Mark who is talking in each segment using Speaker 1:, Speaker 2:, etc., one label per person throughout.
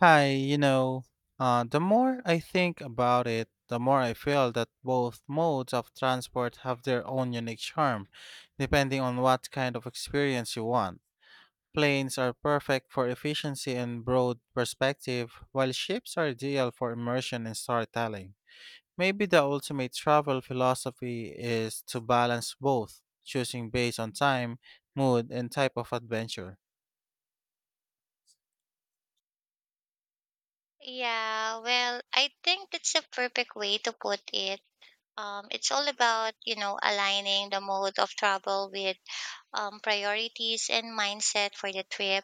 Speaker 1: Hi, the more I think about it, the more I feel that both modes of transport have their own unique charm, depending on what kind of experience you want. Planes are perfect for efficiency and broad perspective, while ships are ideal for immersion and storytelling. Maybe the ultimate travel philosophy is to balance both, choosing based on time, mood, and type of adventure.
Speaker 2: Yeah, well, I think that's a perfect way to put it. It's all about, you know, aligning the mode of travel with priorities and mindset for the trip,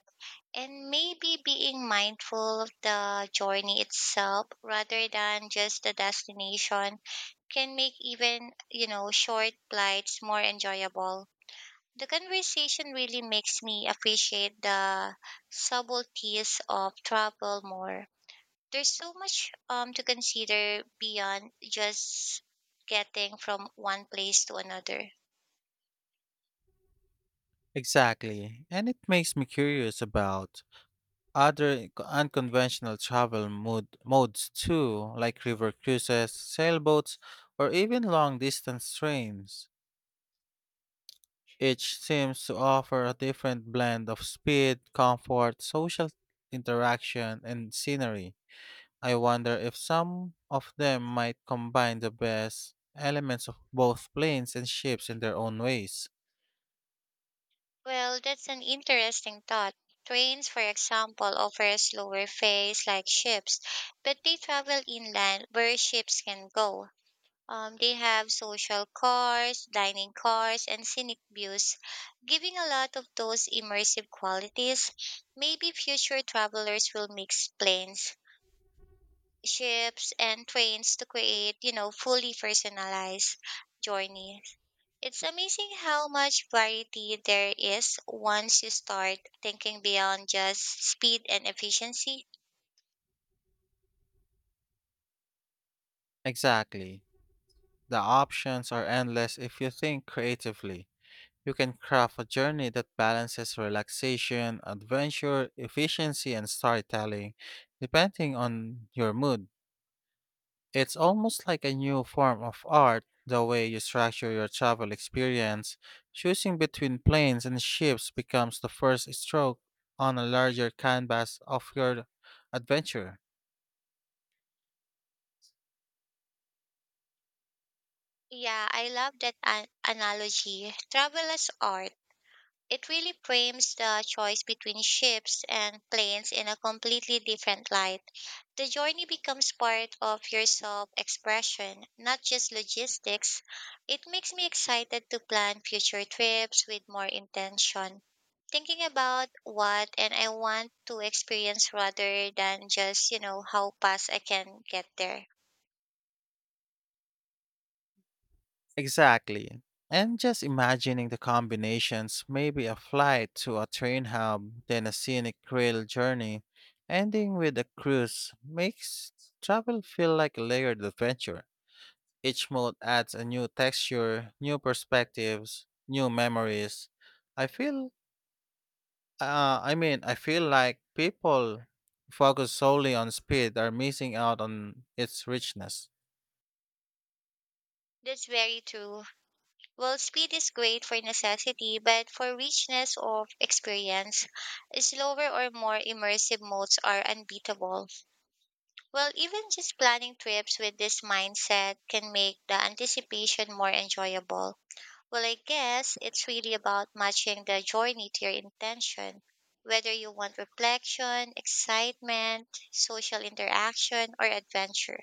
Speaker 2: and maybe being mindful of the journey itself rather than just the destination can make even, you know, short flights more enjoyable. The conversation really makes me appreciate the subtleties of travel more. There's so much to consider beyond just getting from one place to another.
Speaker 1: Exactly, and it makes me curious about other unconventional travel modes too, like river cruises, sailboats, or even long distance trains. Each seems to offer a different blend of speed, comfort, social interaction, and scenery. I wonder if some of them might combine the best elements of both planes and ships in their own ways.
Speaker 2: Well, that's an interesting thought. Trains, for example, offer a slower phase like ships, but they travel inland where ships can go. They have social cars, dining cars, and scenic views, giving a lot of those immersive qualities. Maybe future travelers will mix planes, ships, and trains to create, you know, fully personalized journeys. It's amazing how much variety there is once you start thinking beyond just speed and efficiency.
Speaker 1: Exactly. The options are endless if you think creatively. You can craft a journey that balances relaxation, adventure, efficiency, and storytelling, depending on your mood. It's almost like a new form of art, the way you structure your travel experience. Choosing between planes and ships becomes the first stroke on a larger canvas of your adventure.
Speaker 2: Yeah, I love that analogy. Travel as art. It really frames the choice between ships and planes in a completely different light. The journey becomes part of your self expression, not just logistics. It makes me excited to plan future trips with more intention, thinking about what and I want to experience rather than just, you know, how fast I can get there.
Speaker 1: Exactly. And just imagining the combinations, maybe a flight to a train hub, then a scenic rail journey, ending with a cruise, makes travel feel like a layered adventure. Each mode adds a new texture, new perspectives, new memories. I feel, I feel like people focused solely on speed are missing out on its richness.
Speaker 2: That's very true. Well, speed is great for necessity, but for richness of experience, slower or more immersive modes are unbeatable. Well, even just planning trips with this mindset can make the anticipation more enjoyable. Well, I guess it's really about matching the journey to your intention, whether you want reflection, excitement, social interaction, or adventure.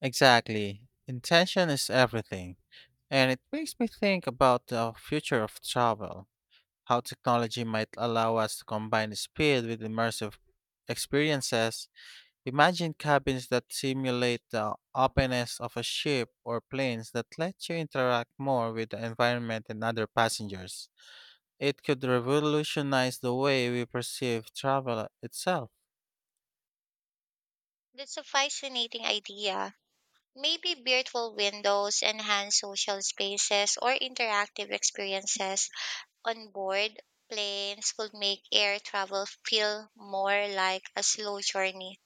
Speaker 1: Exactly. Intention is everything. And it makes me think about the future of travel, how technology might allow us to combine speed with immersive experiences. Imagine cabins that simulate the openness of a ship or planes that let you interact more with the environment and other passengers. It could revolutionize the way we perceive travel itself.
Speaker 2: That's a fascinating idea. Maybe virtual windows, enhanced social spaces, or interactive experiences on board planes could make air travel feel more like a slow journey.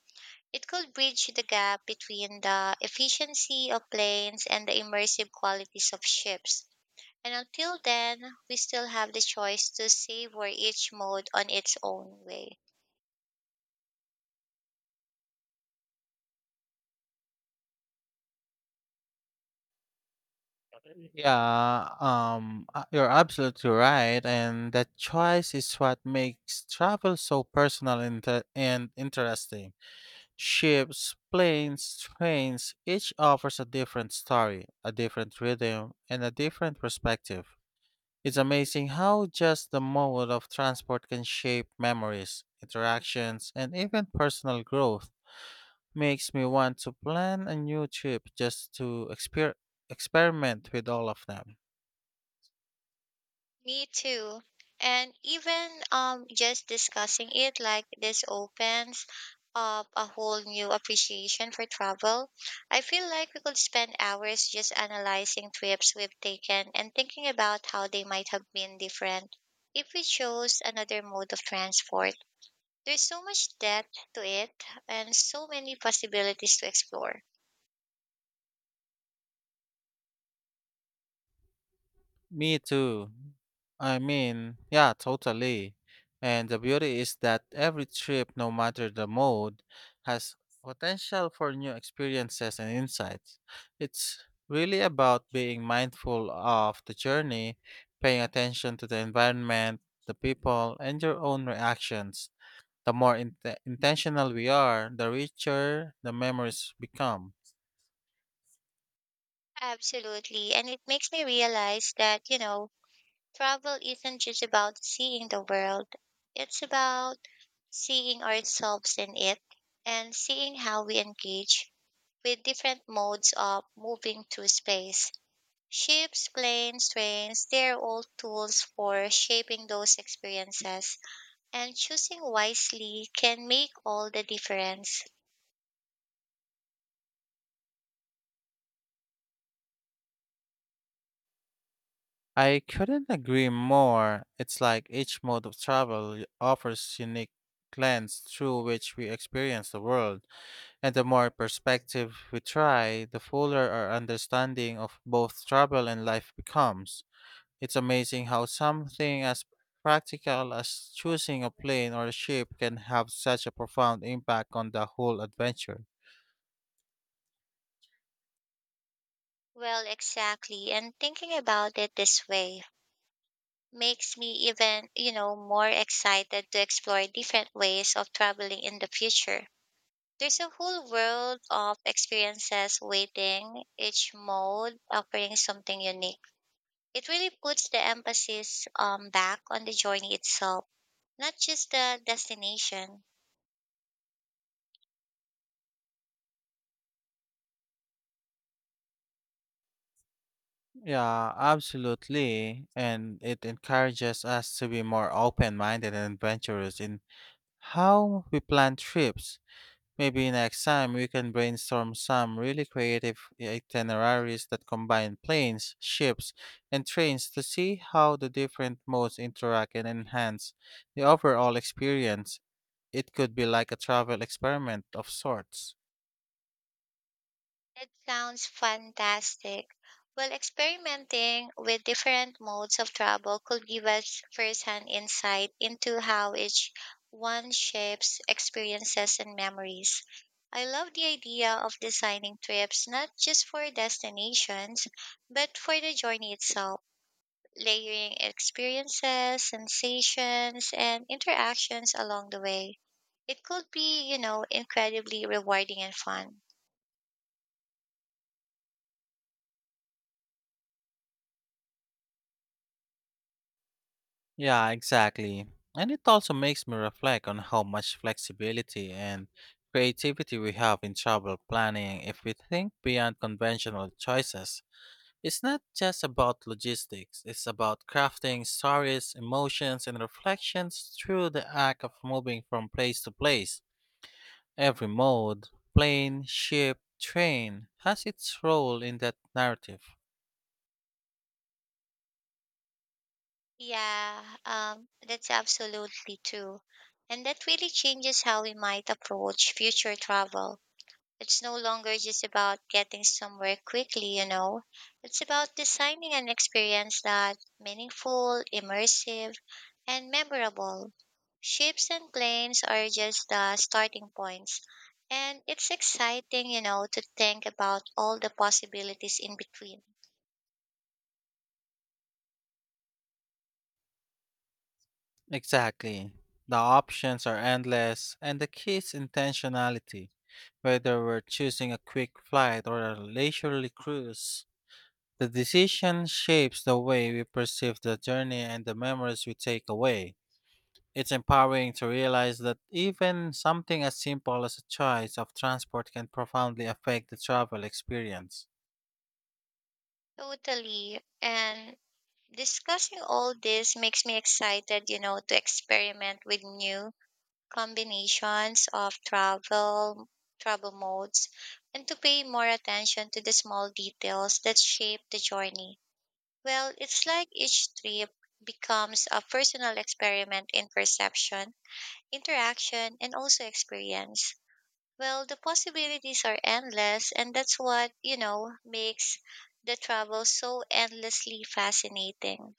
Speaker 2: It could bridge the gap between the efficiency of planes and the immersive qualities of ships. And until then, we still have the choice to savor each mode on its own way.
Speaker 1: Yeah, you're absolutely right, and that choice is what makes travel so personal and interesting. Ships, planes, trains, each offers a different story, a different rhythm, and a different perspective. It's amazing how just the mode of transport can shape memories, interactions, and even personal growth. Makes me want to plan a new trip just to experiment with all of them.
Speaker 2: Me too. And even just discussing it like this opens up a whole new appreciation for travel. I feel like we could spend hours just analyzing trips we've taken and thinking about how they might have been different if we chose another mode of transport. There's so much depth to it and so many possibilities to explore.
Speaker 1: Me too. I mean, yeah, totally. And the beauty is that every trip, no matter the mode, has potential for new experiences and insights. It's really about being mindful of the journey, paying attention to the environment, the people, and your own reactions. The more intentional we are, the richer the memories become.
Speaker 2: Absolutely. And it makes me realize that, you know, travel isn't just about seeing the world, it's about seeing ourselves in it and seeing how we engage with different modes of moving through space. Ships, planes, trains, they're all tools for shaping those experiences, and choosing wisely can make all the difference.
Speaker 1: I couldn't agree more. It's like each mode of travel offers unique lens through which we experience the world, and the more perspective we try, the fuller our understanding of both travel and life becomes. It's amazing how something as practical as choosing a plane or a ship can have such a profound impact on the whole adventure.
Speaker 2: Well, exactly, and thinking about it this way makes me even, you know, more excited to explore different ways of traveling in the future. There's a whole world of experiences waiting, each mode offering something unique. It really puts the emphasis back on the journey itself, not just the destination.
Speaker 1: Yeah, absolutely. And it encourages us to be more open minded and adventurous in how we plan trips. Maybe next time we can brainstorm some really creative itineraries that combine planes, ships, and trains to see how the different modes interact and enhance the overall experience. It could be like a travel experiment of sorts.
Speaker 2: That sounds fantastic. Well, experimenting with different modes of travel could give us firsthand insight into how each one shapes experiences and memories. I love the idea of designing trips not just for destinations, but for the journey itself, layering experiences, sensations, and interactions along the way. It could be, you know, incredibly rewarding and fun.
Speaker 1: Yeah, exactly. And it also makes me reflect on how much flexibility and creativity we have in travel planning if we think beyond conventional choices. It's not just about logistics, it's about crafting stories, emotions, and reflections through the act of moving from place to place. Every mode, plane, ship, train, has its role in that narrative.
Speaker 2: Yeah, that's absolutely true. And that really changes how we might approach future travel. It's no longer just about getting somewhere quickly, you know. It's about designing an experience that's meaningful, immersive, and memorable. Ships and planes are just the starting points. And it's exciting, you know, to think about all the possibilities in between.
Speaker 1: Exactly. The options are endless, and the key is intentionality. Whether we're choosing a quick flight or a leisurely cruise, the decision shapes the way we perceive the journey and the memories we take away. It's empowering to realize that even something as simple as a choice of transport can profoundly affect the travel experience.
Speaker 2: Totally. And discussing all this makes me excited, you know, to experiment with new combinations of travel modes and to pay more attention to the small details that shape the journey. Well, it's like each trip becomes a personal experiment in perception, interaction, and also experience. Well, the possibilities are endless, and that's what, you know, makes the travel so endlessly fascinating.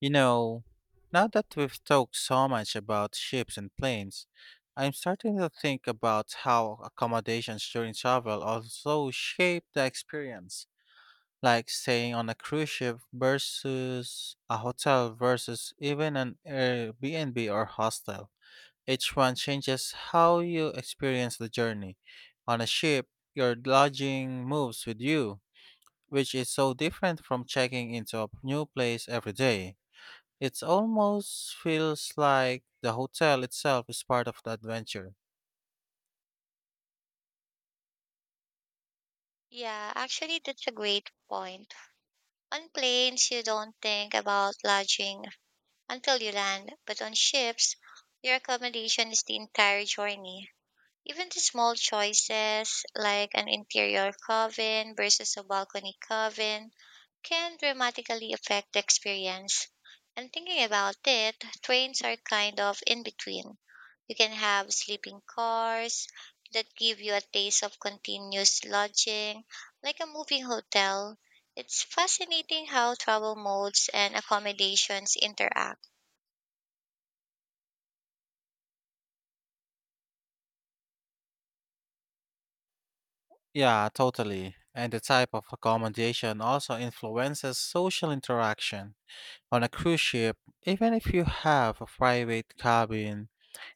Speaker 1: You know, now that we've talked so much about ships and planes, I'm starting to think about how accommodations during travel also shape the experience, like staying on a cruise ship versus a hotel versus even an Airbnb or hostel. Each one changes how you experience the journey. On a ship, your lodging moves with you, which is so different from checking into a new place every day. It almost feels like the hotel itself is part of the adventure.
Speaker 2: Yeah, actually, that's a great point. On planes, you don't think about lodging until you land, but on ships, your accommodation is the entire journey. Even the small choices, like an interior cabin versus a balcony cabin, can dramatically affect the experience. And thinking about it, trains are kind of in between. You can have sleeping cars that give you a taste of continuous lodging, like a moving hotel. It's fascinating how travel modes and accommodations interact.
Speaker 1: Yeah, totally. And the type of accommodation also influences social interaction. On a cruise ship, even if you have a private cabin,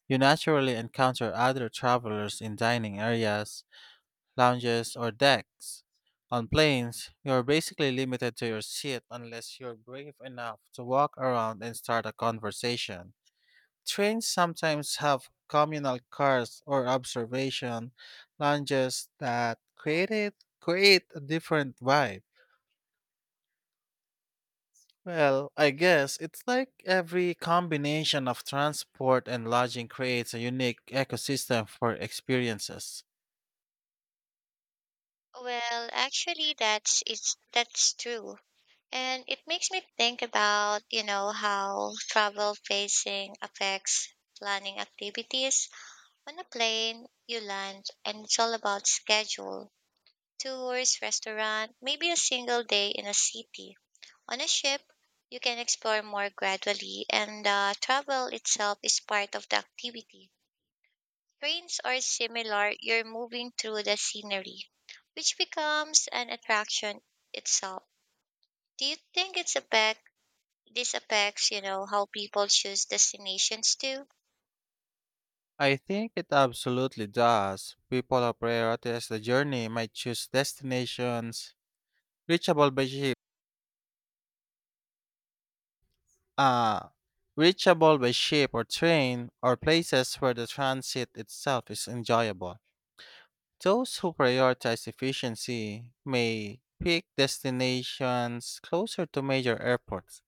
Speaker 1: you naturally encounter other travelers in dining areas, lounges, or decks. On planes, you're basically limited to your seat unless you're brave enough to walk around and start a conversation. Trains sometimes have communal cars or observation lounges that create a different vibe. Well, I guess it's like every combination of transport and lodging creates a unique ecosystem for experiences.
Speaker 2: Well, actually, that's true. And it makes me think about, you know, how travel facing affects planning activities. On a plane, you land and it's all about schedule, tours, restaurant, maybe a single day in a city. On a ship, you can explore more gradually and the travel itself is part of the activity. Trains are similar, you're moving through the scenery, which becomes an attraction itself. Do you think it's affect This affects, you know, how people choose destinations too?
Speaker 1: I think it absolutely does. People who prioritize the journey might choose destinations reachable by ship, uh, reachable by ship or train, or places where the transit itself is enjoyable. Those who prioritize efficiency may pick destinations closer to major airports.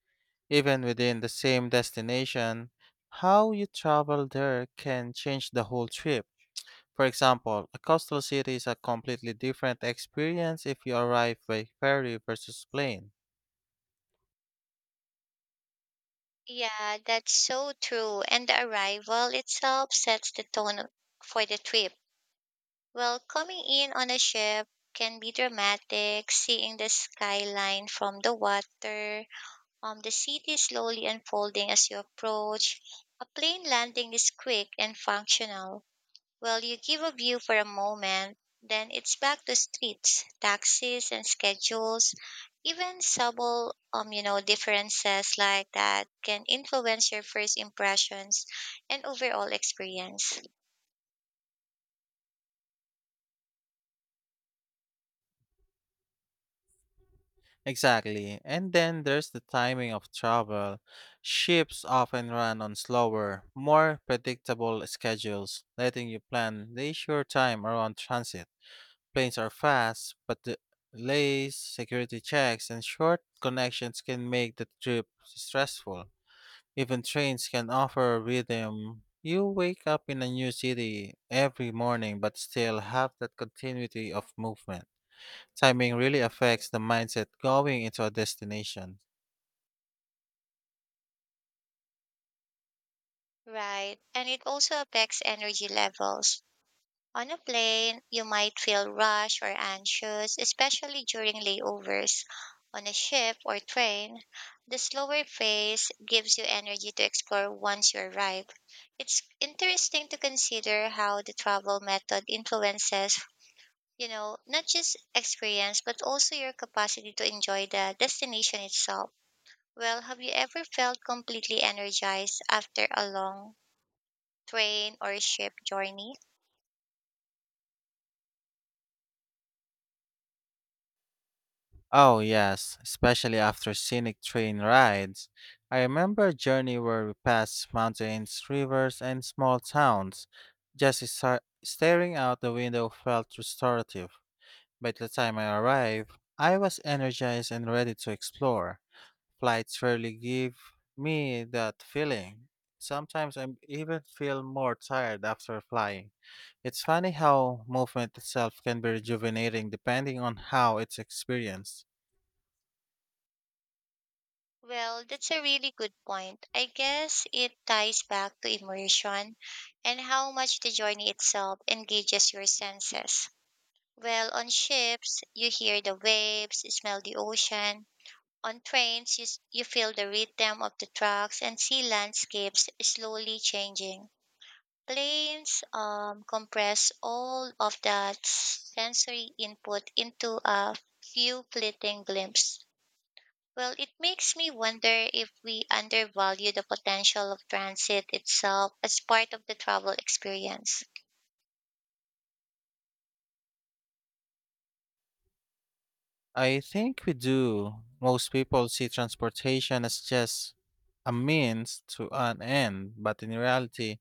Speaker 1: Even within the same destination, how you travel there can change the whole trip. For example, a coastal city is a completely different experience if you arrive by ferry versus plane.
Speaker 2: Yeah, that's so true. And the arrival itself sets the tone for the trip. Well, coming in on a ship can be dramatic, seeing the skyline from the water, the city slowly unfolding as you approach. A plane landing is quick and functional, well, you give a view for a moment, then it's back to streets, taxis, and schedules. Even subtle, you know, differences like that can influence your first impressions and overall experience.
Speaker 1: Exactly. And then there's the timing of travel. Ships often run on slower, more predictable schedules, letting you plan leisure time around transit. Planes are fast, but the delays, security checks, and short connections can make the trip stressful. Even trains can offer a rhythm. You wake up in a new city every morning but still have that continuity of movement. Timing really affects the mindset going into a destination.
Speaker 2: Right. And it also affects energy levels. On a plane, you might feel rushed or anxious, especially during layovers. On a ship or train, the slower pace gives you energy to explore once you arrive. It's interesting to consider how the travel method influences, you know, not just experience, but also your capacity to enjoy the destination itself. Well, have you ever felt completely energized after a long train or ship journey?
Speaker 1: Oh, yes, especially after scenic train rides. I remember a journey where we passed mountains, rivers, and small towns. Just staring out the window felt restorative. By the time I arrived, I was energized and ready to explore. Flights rarely give me that feeling. Sometimes I even feel more tired after flying. It's funny how movement itself can be rejuvenating depending on how it's experienced.
Speaker 2: Well, that's a really good point. I guess it ties back to immersion and how much the journey itself engages your senses. Well, on ships, you hear the waves, smell the ocean. On trains, you feel the rhythm of the tracks and see landscapes slowly changing. Planes compress all of that sensory input into a few fleeting glimpses. Well, it makes me wonder if we undervalue the potential of transit itself as part of the travel experience.
Speaker 1: I think we do. Most people see transportation as just a means to an end, but in reality,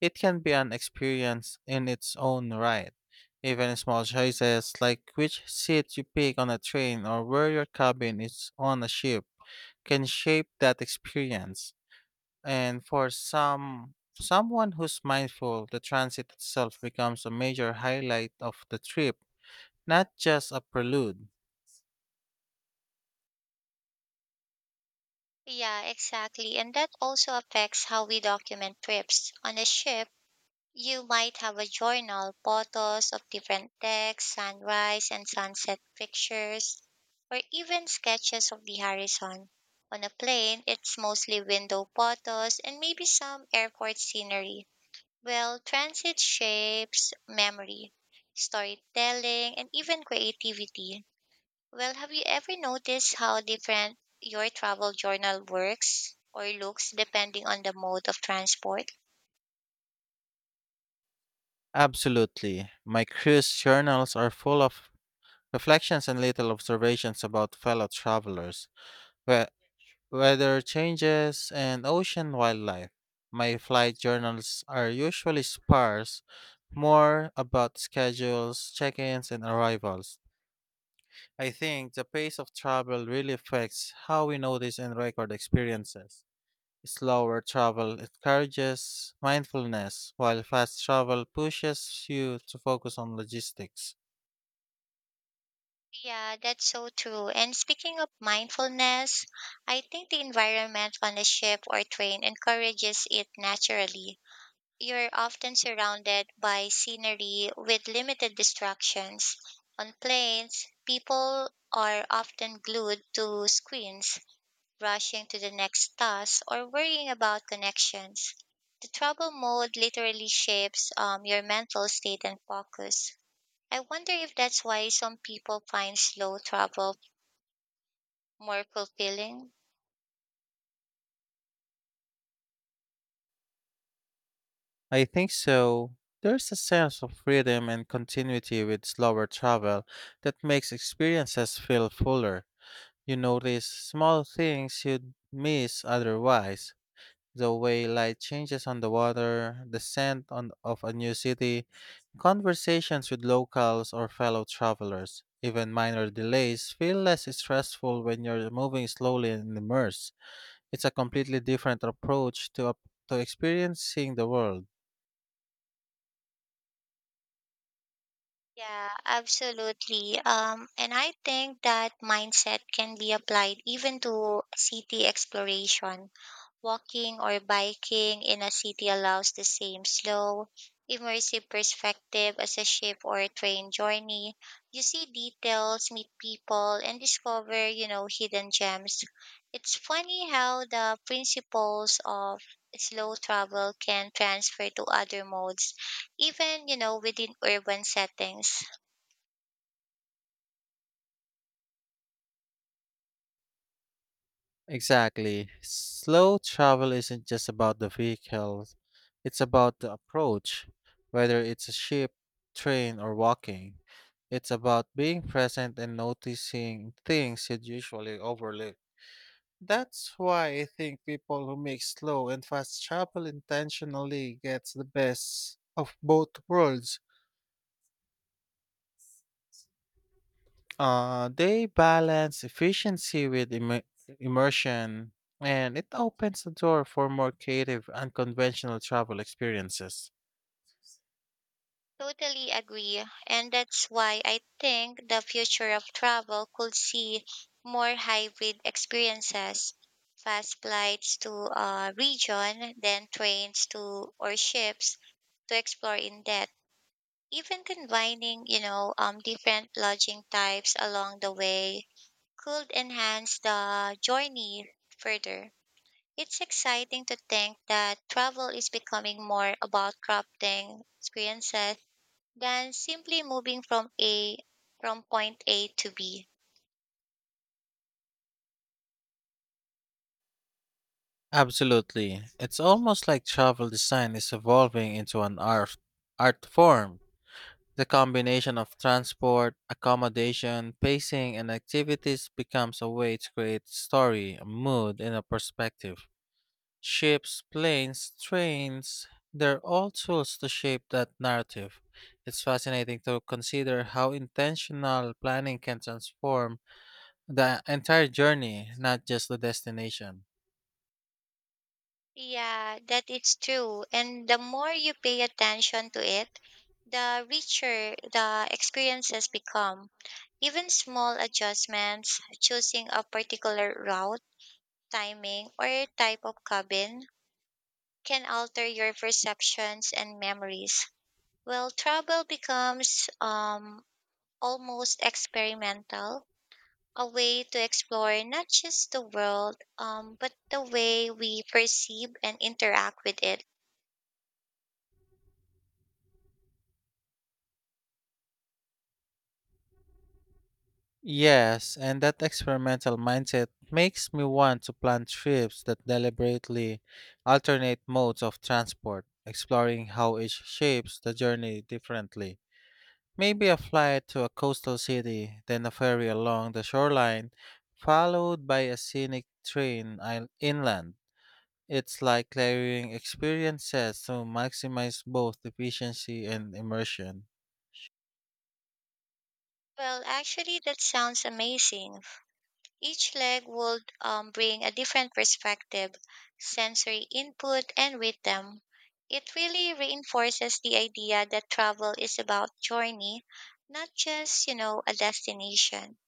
Speaker 1: it can be an experience in its own right. Even small choices like which seat you pick on a train or where your cabin is on a ship can shape that experience. And for someone who's mindful, the transit itself becomes a major highlight of the trip, not just a prelude.
Speaker 2: Yeah, exactly. And that also affects how we document trips. On a ship, you might have a journal, photos of different decks, sunrise and sunset pictures, or even sketches of the horizon. On a plane, it's mostly window photos and maybe some airport scenery. Well, transit shapes memory, storytelling, and even creativity. Well, have you ever noticed how different your travel journal works or looks depending on the mode of transport?
Speaker 1: Absolutely. My cruise journals are full of reflections and little observations about fellow travelers, we- weather changes, and ocean wildlife. My flight journals are usually sparse, more about schedules, check ins, and arrivals. I think the pace of travel really affects how we notice and record experiences. Slower travel encourages mindfulness, while fast travel pushes you to focus on logistics.
Speaker 2: Yeah, that's so true. And speaking of mindfulness, I think the environment on a ship or train encourages it naturally. You're often surrounded by scenery with limited distractions. On planes, people are often glued to screens, rushing to the next task or worrying about connections. The travel mode literally shapes your mental state and focus. I wonder if that's why some people find slow travel more fulfilling.
Speaker 1: I think so. There's a sense of freedom and continuity with slower travel that makes experiences feel fuller. You notice small things you'd miss otherwise, the way light changes on the water, the of a new city, conversations with locals or fellow travelers. Even minor delays feel less stressful when you're moving slowly and immersed. It's a completely different to experiencing the world.
Speaker 2: Yeah, absolutely. And I think that mindset can be applied even to city exploration. Walking or biking in a city allows the same slow, immersive perspective as a ship or a train journey. You see details, meet people, and discover, you know, hidden gems. It's funny how the principles of slow travel can transfer to other modes, even, you know, within urban settings.
Speaker 1: Exactly. Slow travel isn't just about the vehicle, it's about the approach, whether it's a ship, train, or walking. It's about being present and noticing things you'd usually overlook. That's why I think people who make slow and fast travel intentionally gets the best of both worlds. They balance efficiency with immersion, and it opens the door for more creative, unconventional travel experiences.
Speaker 2: Totally agree. And that's why I think the future of travel could see more hybrid experiences. Fast flights to a region, then trains to or ships to explore in depth. Even combining, you know, different lodging types along the way could enhance the journey further. It's exciting to think that travel is becoming more about crafting experiences than simply moving from A from point A to B.
Speaker 1: Absolutely. It's almost like travel design is evolving into an art form. The combination of transport, accommodation, pacing, and activities becomes a way to create story, a mood, and a perspective. Ships, planes, trains, they're all tools to shape that narrative. It's fascinating to consider how intentional planning can transform the entire journey, not just the destination.
Speaker 2: Yeah, that it's true. And the more you pay attention to it, the richer the experiences become. Even small adjustments, choosing a particular route, timing, or type of cabin can alter your perceptions and memories. Well, travel becomes almost experimental, a way to explore not just the world, but the way we perceive and interact with it.
Speaker 1: Yes, and that experimental mindset makes me want to plan trips that deliberately alternate modes of transport, exploring how each shapes the journey differently. Maybe a flight to a coastal city, then a ferry along the shoreline, followed by a scenic train inland. It's like layering experiences to maximize both efficiency and immersion.
Speaker 2: Well, actually, that sounds amazing. Each leg would bring a different perspective, sensory input, and rhythm. It really reinforces the idea that travel is about journey, not just, you know, a destination.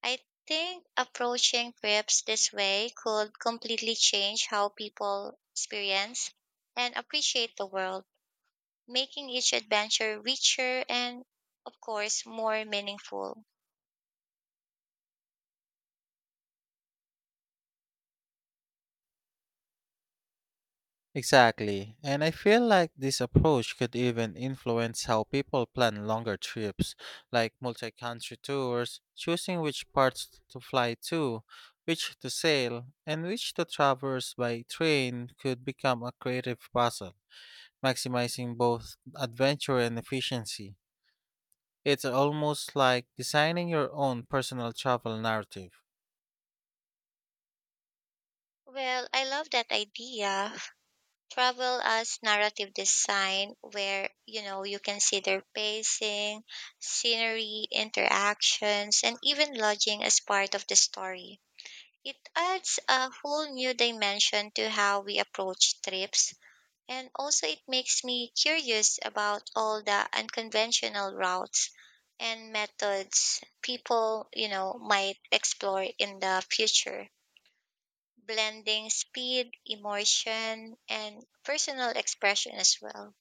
Speaker 2: I think approaching trips this way could completely change how people experience and appreciate the world, making each adventure richer and, of course, more meaningful.
Speaker 1: Exactly. And I feel like this approach could even influence how people plan longer trips, like multi country tours, choosing which parts to fly to, which to sail, and which to traverse by train could become a creative puzzle, maximizing both adventure and efficiency. It's almost like designing your own personal travel narrative.
Speaker 2: Well, I love that idea. Travel as narrative design, where you know you consider pacing, scenery, interactions, and even lodging as part of the story. It adds a whole new dimension to how we approach trips, and also it makes me curious about all the unconventional routes and methods people, you know, might explore in the future, blending speed, emotion, and personal expression as well.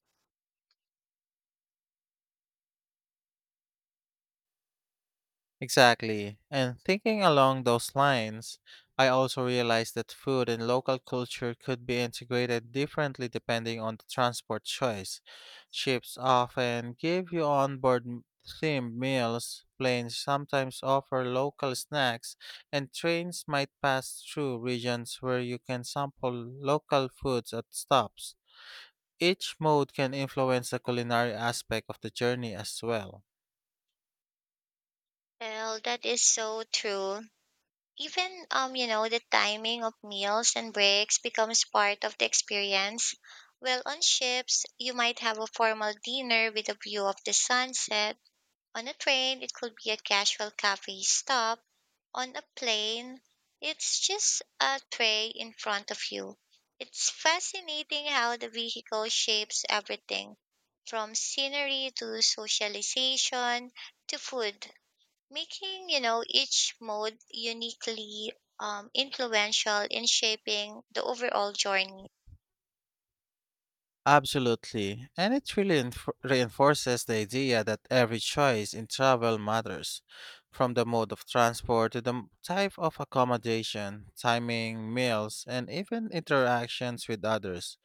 Speaker 1: Exactly. And thinking along those lines, I also realized that food and local culture could be integrated differently depending on the transport choice. Ships often give you onboard themed meals, planes sometimes offer local snacks, and trains might pass through regions where you can sample local foods at stops. Each mode can influence the culinary aspect of the journey as well.
Speaker 2: Well, that is so true. Even you know, the timing of meals and breaks becomes part of the experience. Well, on ships, you might have a formal dinner with a view of the sunset. On a train, it could be a casual cafe stop. On a plane, it's just a tray in front of you. It's fascinating how the vehicle shapes everything, from scenery to socialization to food, making you know each mode uniquely influential in shaping the overall journey.
Speaker 1: Absolutely, and it really reinforces the idea that every choice in travel matters, from the mode of transport to the type of accommodation, timing, meals, and even interactions with others.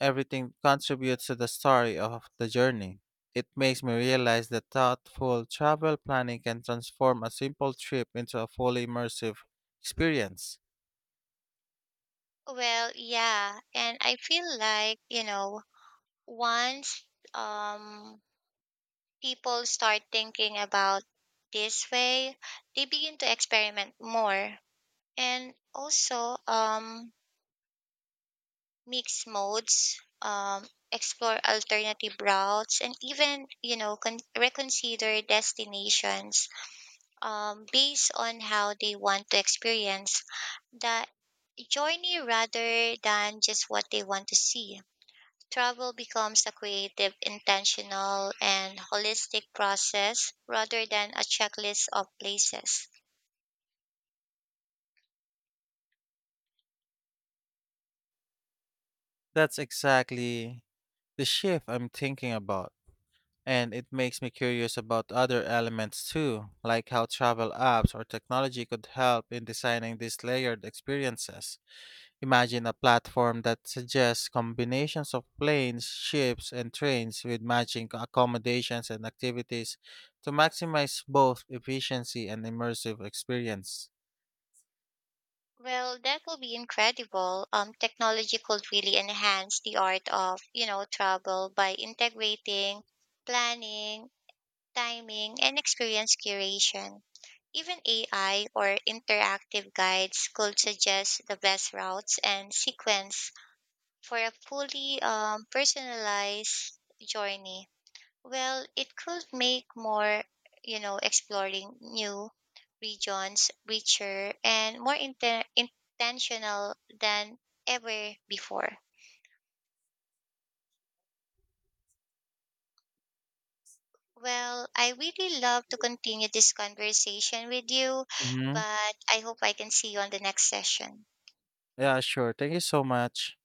Speaker 1: Everything contributes to the story of the journey. It makes me realize that thoughtful travel planning can transform a simple trip into a fully immersive experience.
Speaker 2: Well, yeah, and I feel like you know once um, people start thinking about this way, they begin to experiment more and also mix modes, explore alternative routes and even you know reconsider destinations based on how they want to experience that journey rather than just what they want to see. Travel becomes a creative, intentional, and holistic process rather than a checklist of places.
Speaker 1: That's exactly the shift I'm thinking about. And it makes me curious about other elements too, like how travel apps or technology could help in designing these layered experiences. Imagine a platform that suggests combinations of planes, ships, and trains with matching accommodations and activities to maximize both efficiency and immersive experience.
Speaker 2: Well, that will be incredible. Technology could really enhance the art of, you know, travel by integrating planning, timing, and experience curation. Even AI or interactive guides could suggest the best routes and sequence for a fully personalized journey. Well, it could make more, you know, exploring new regions richer and more intentional than ever before. Well, I really love to continue this conversation with you,
Speaker 1: Hmm.
Speaker 2: but I hope I can see you on the next session.
Speaker 1: Yeah, sure. Thank you so much.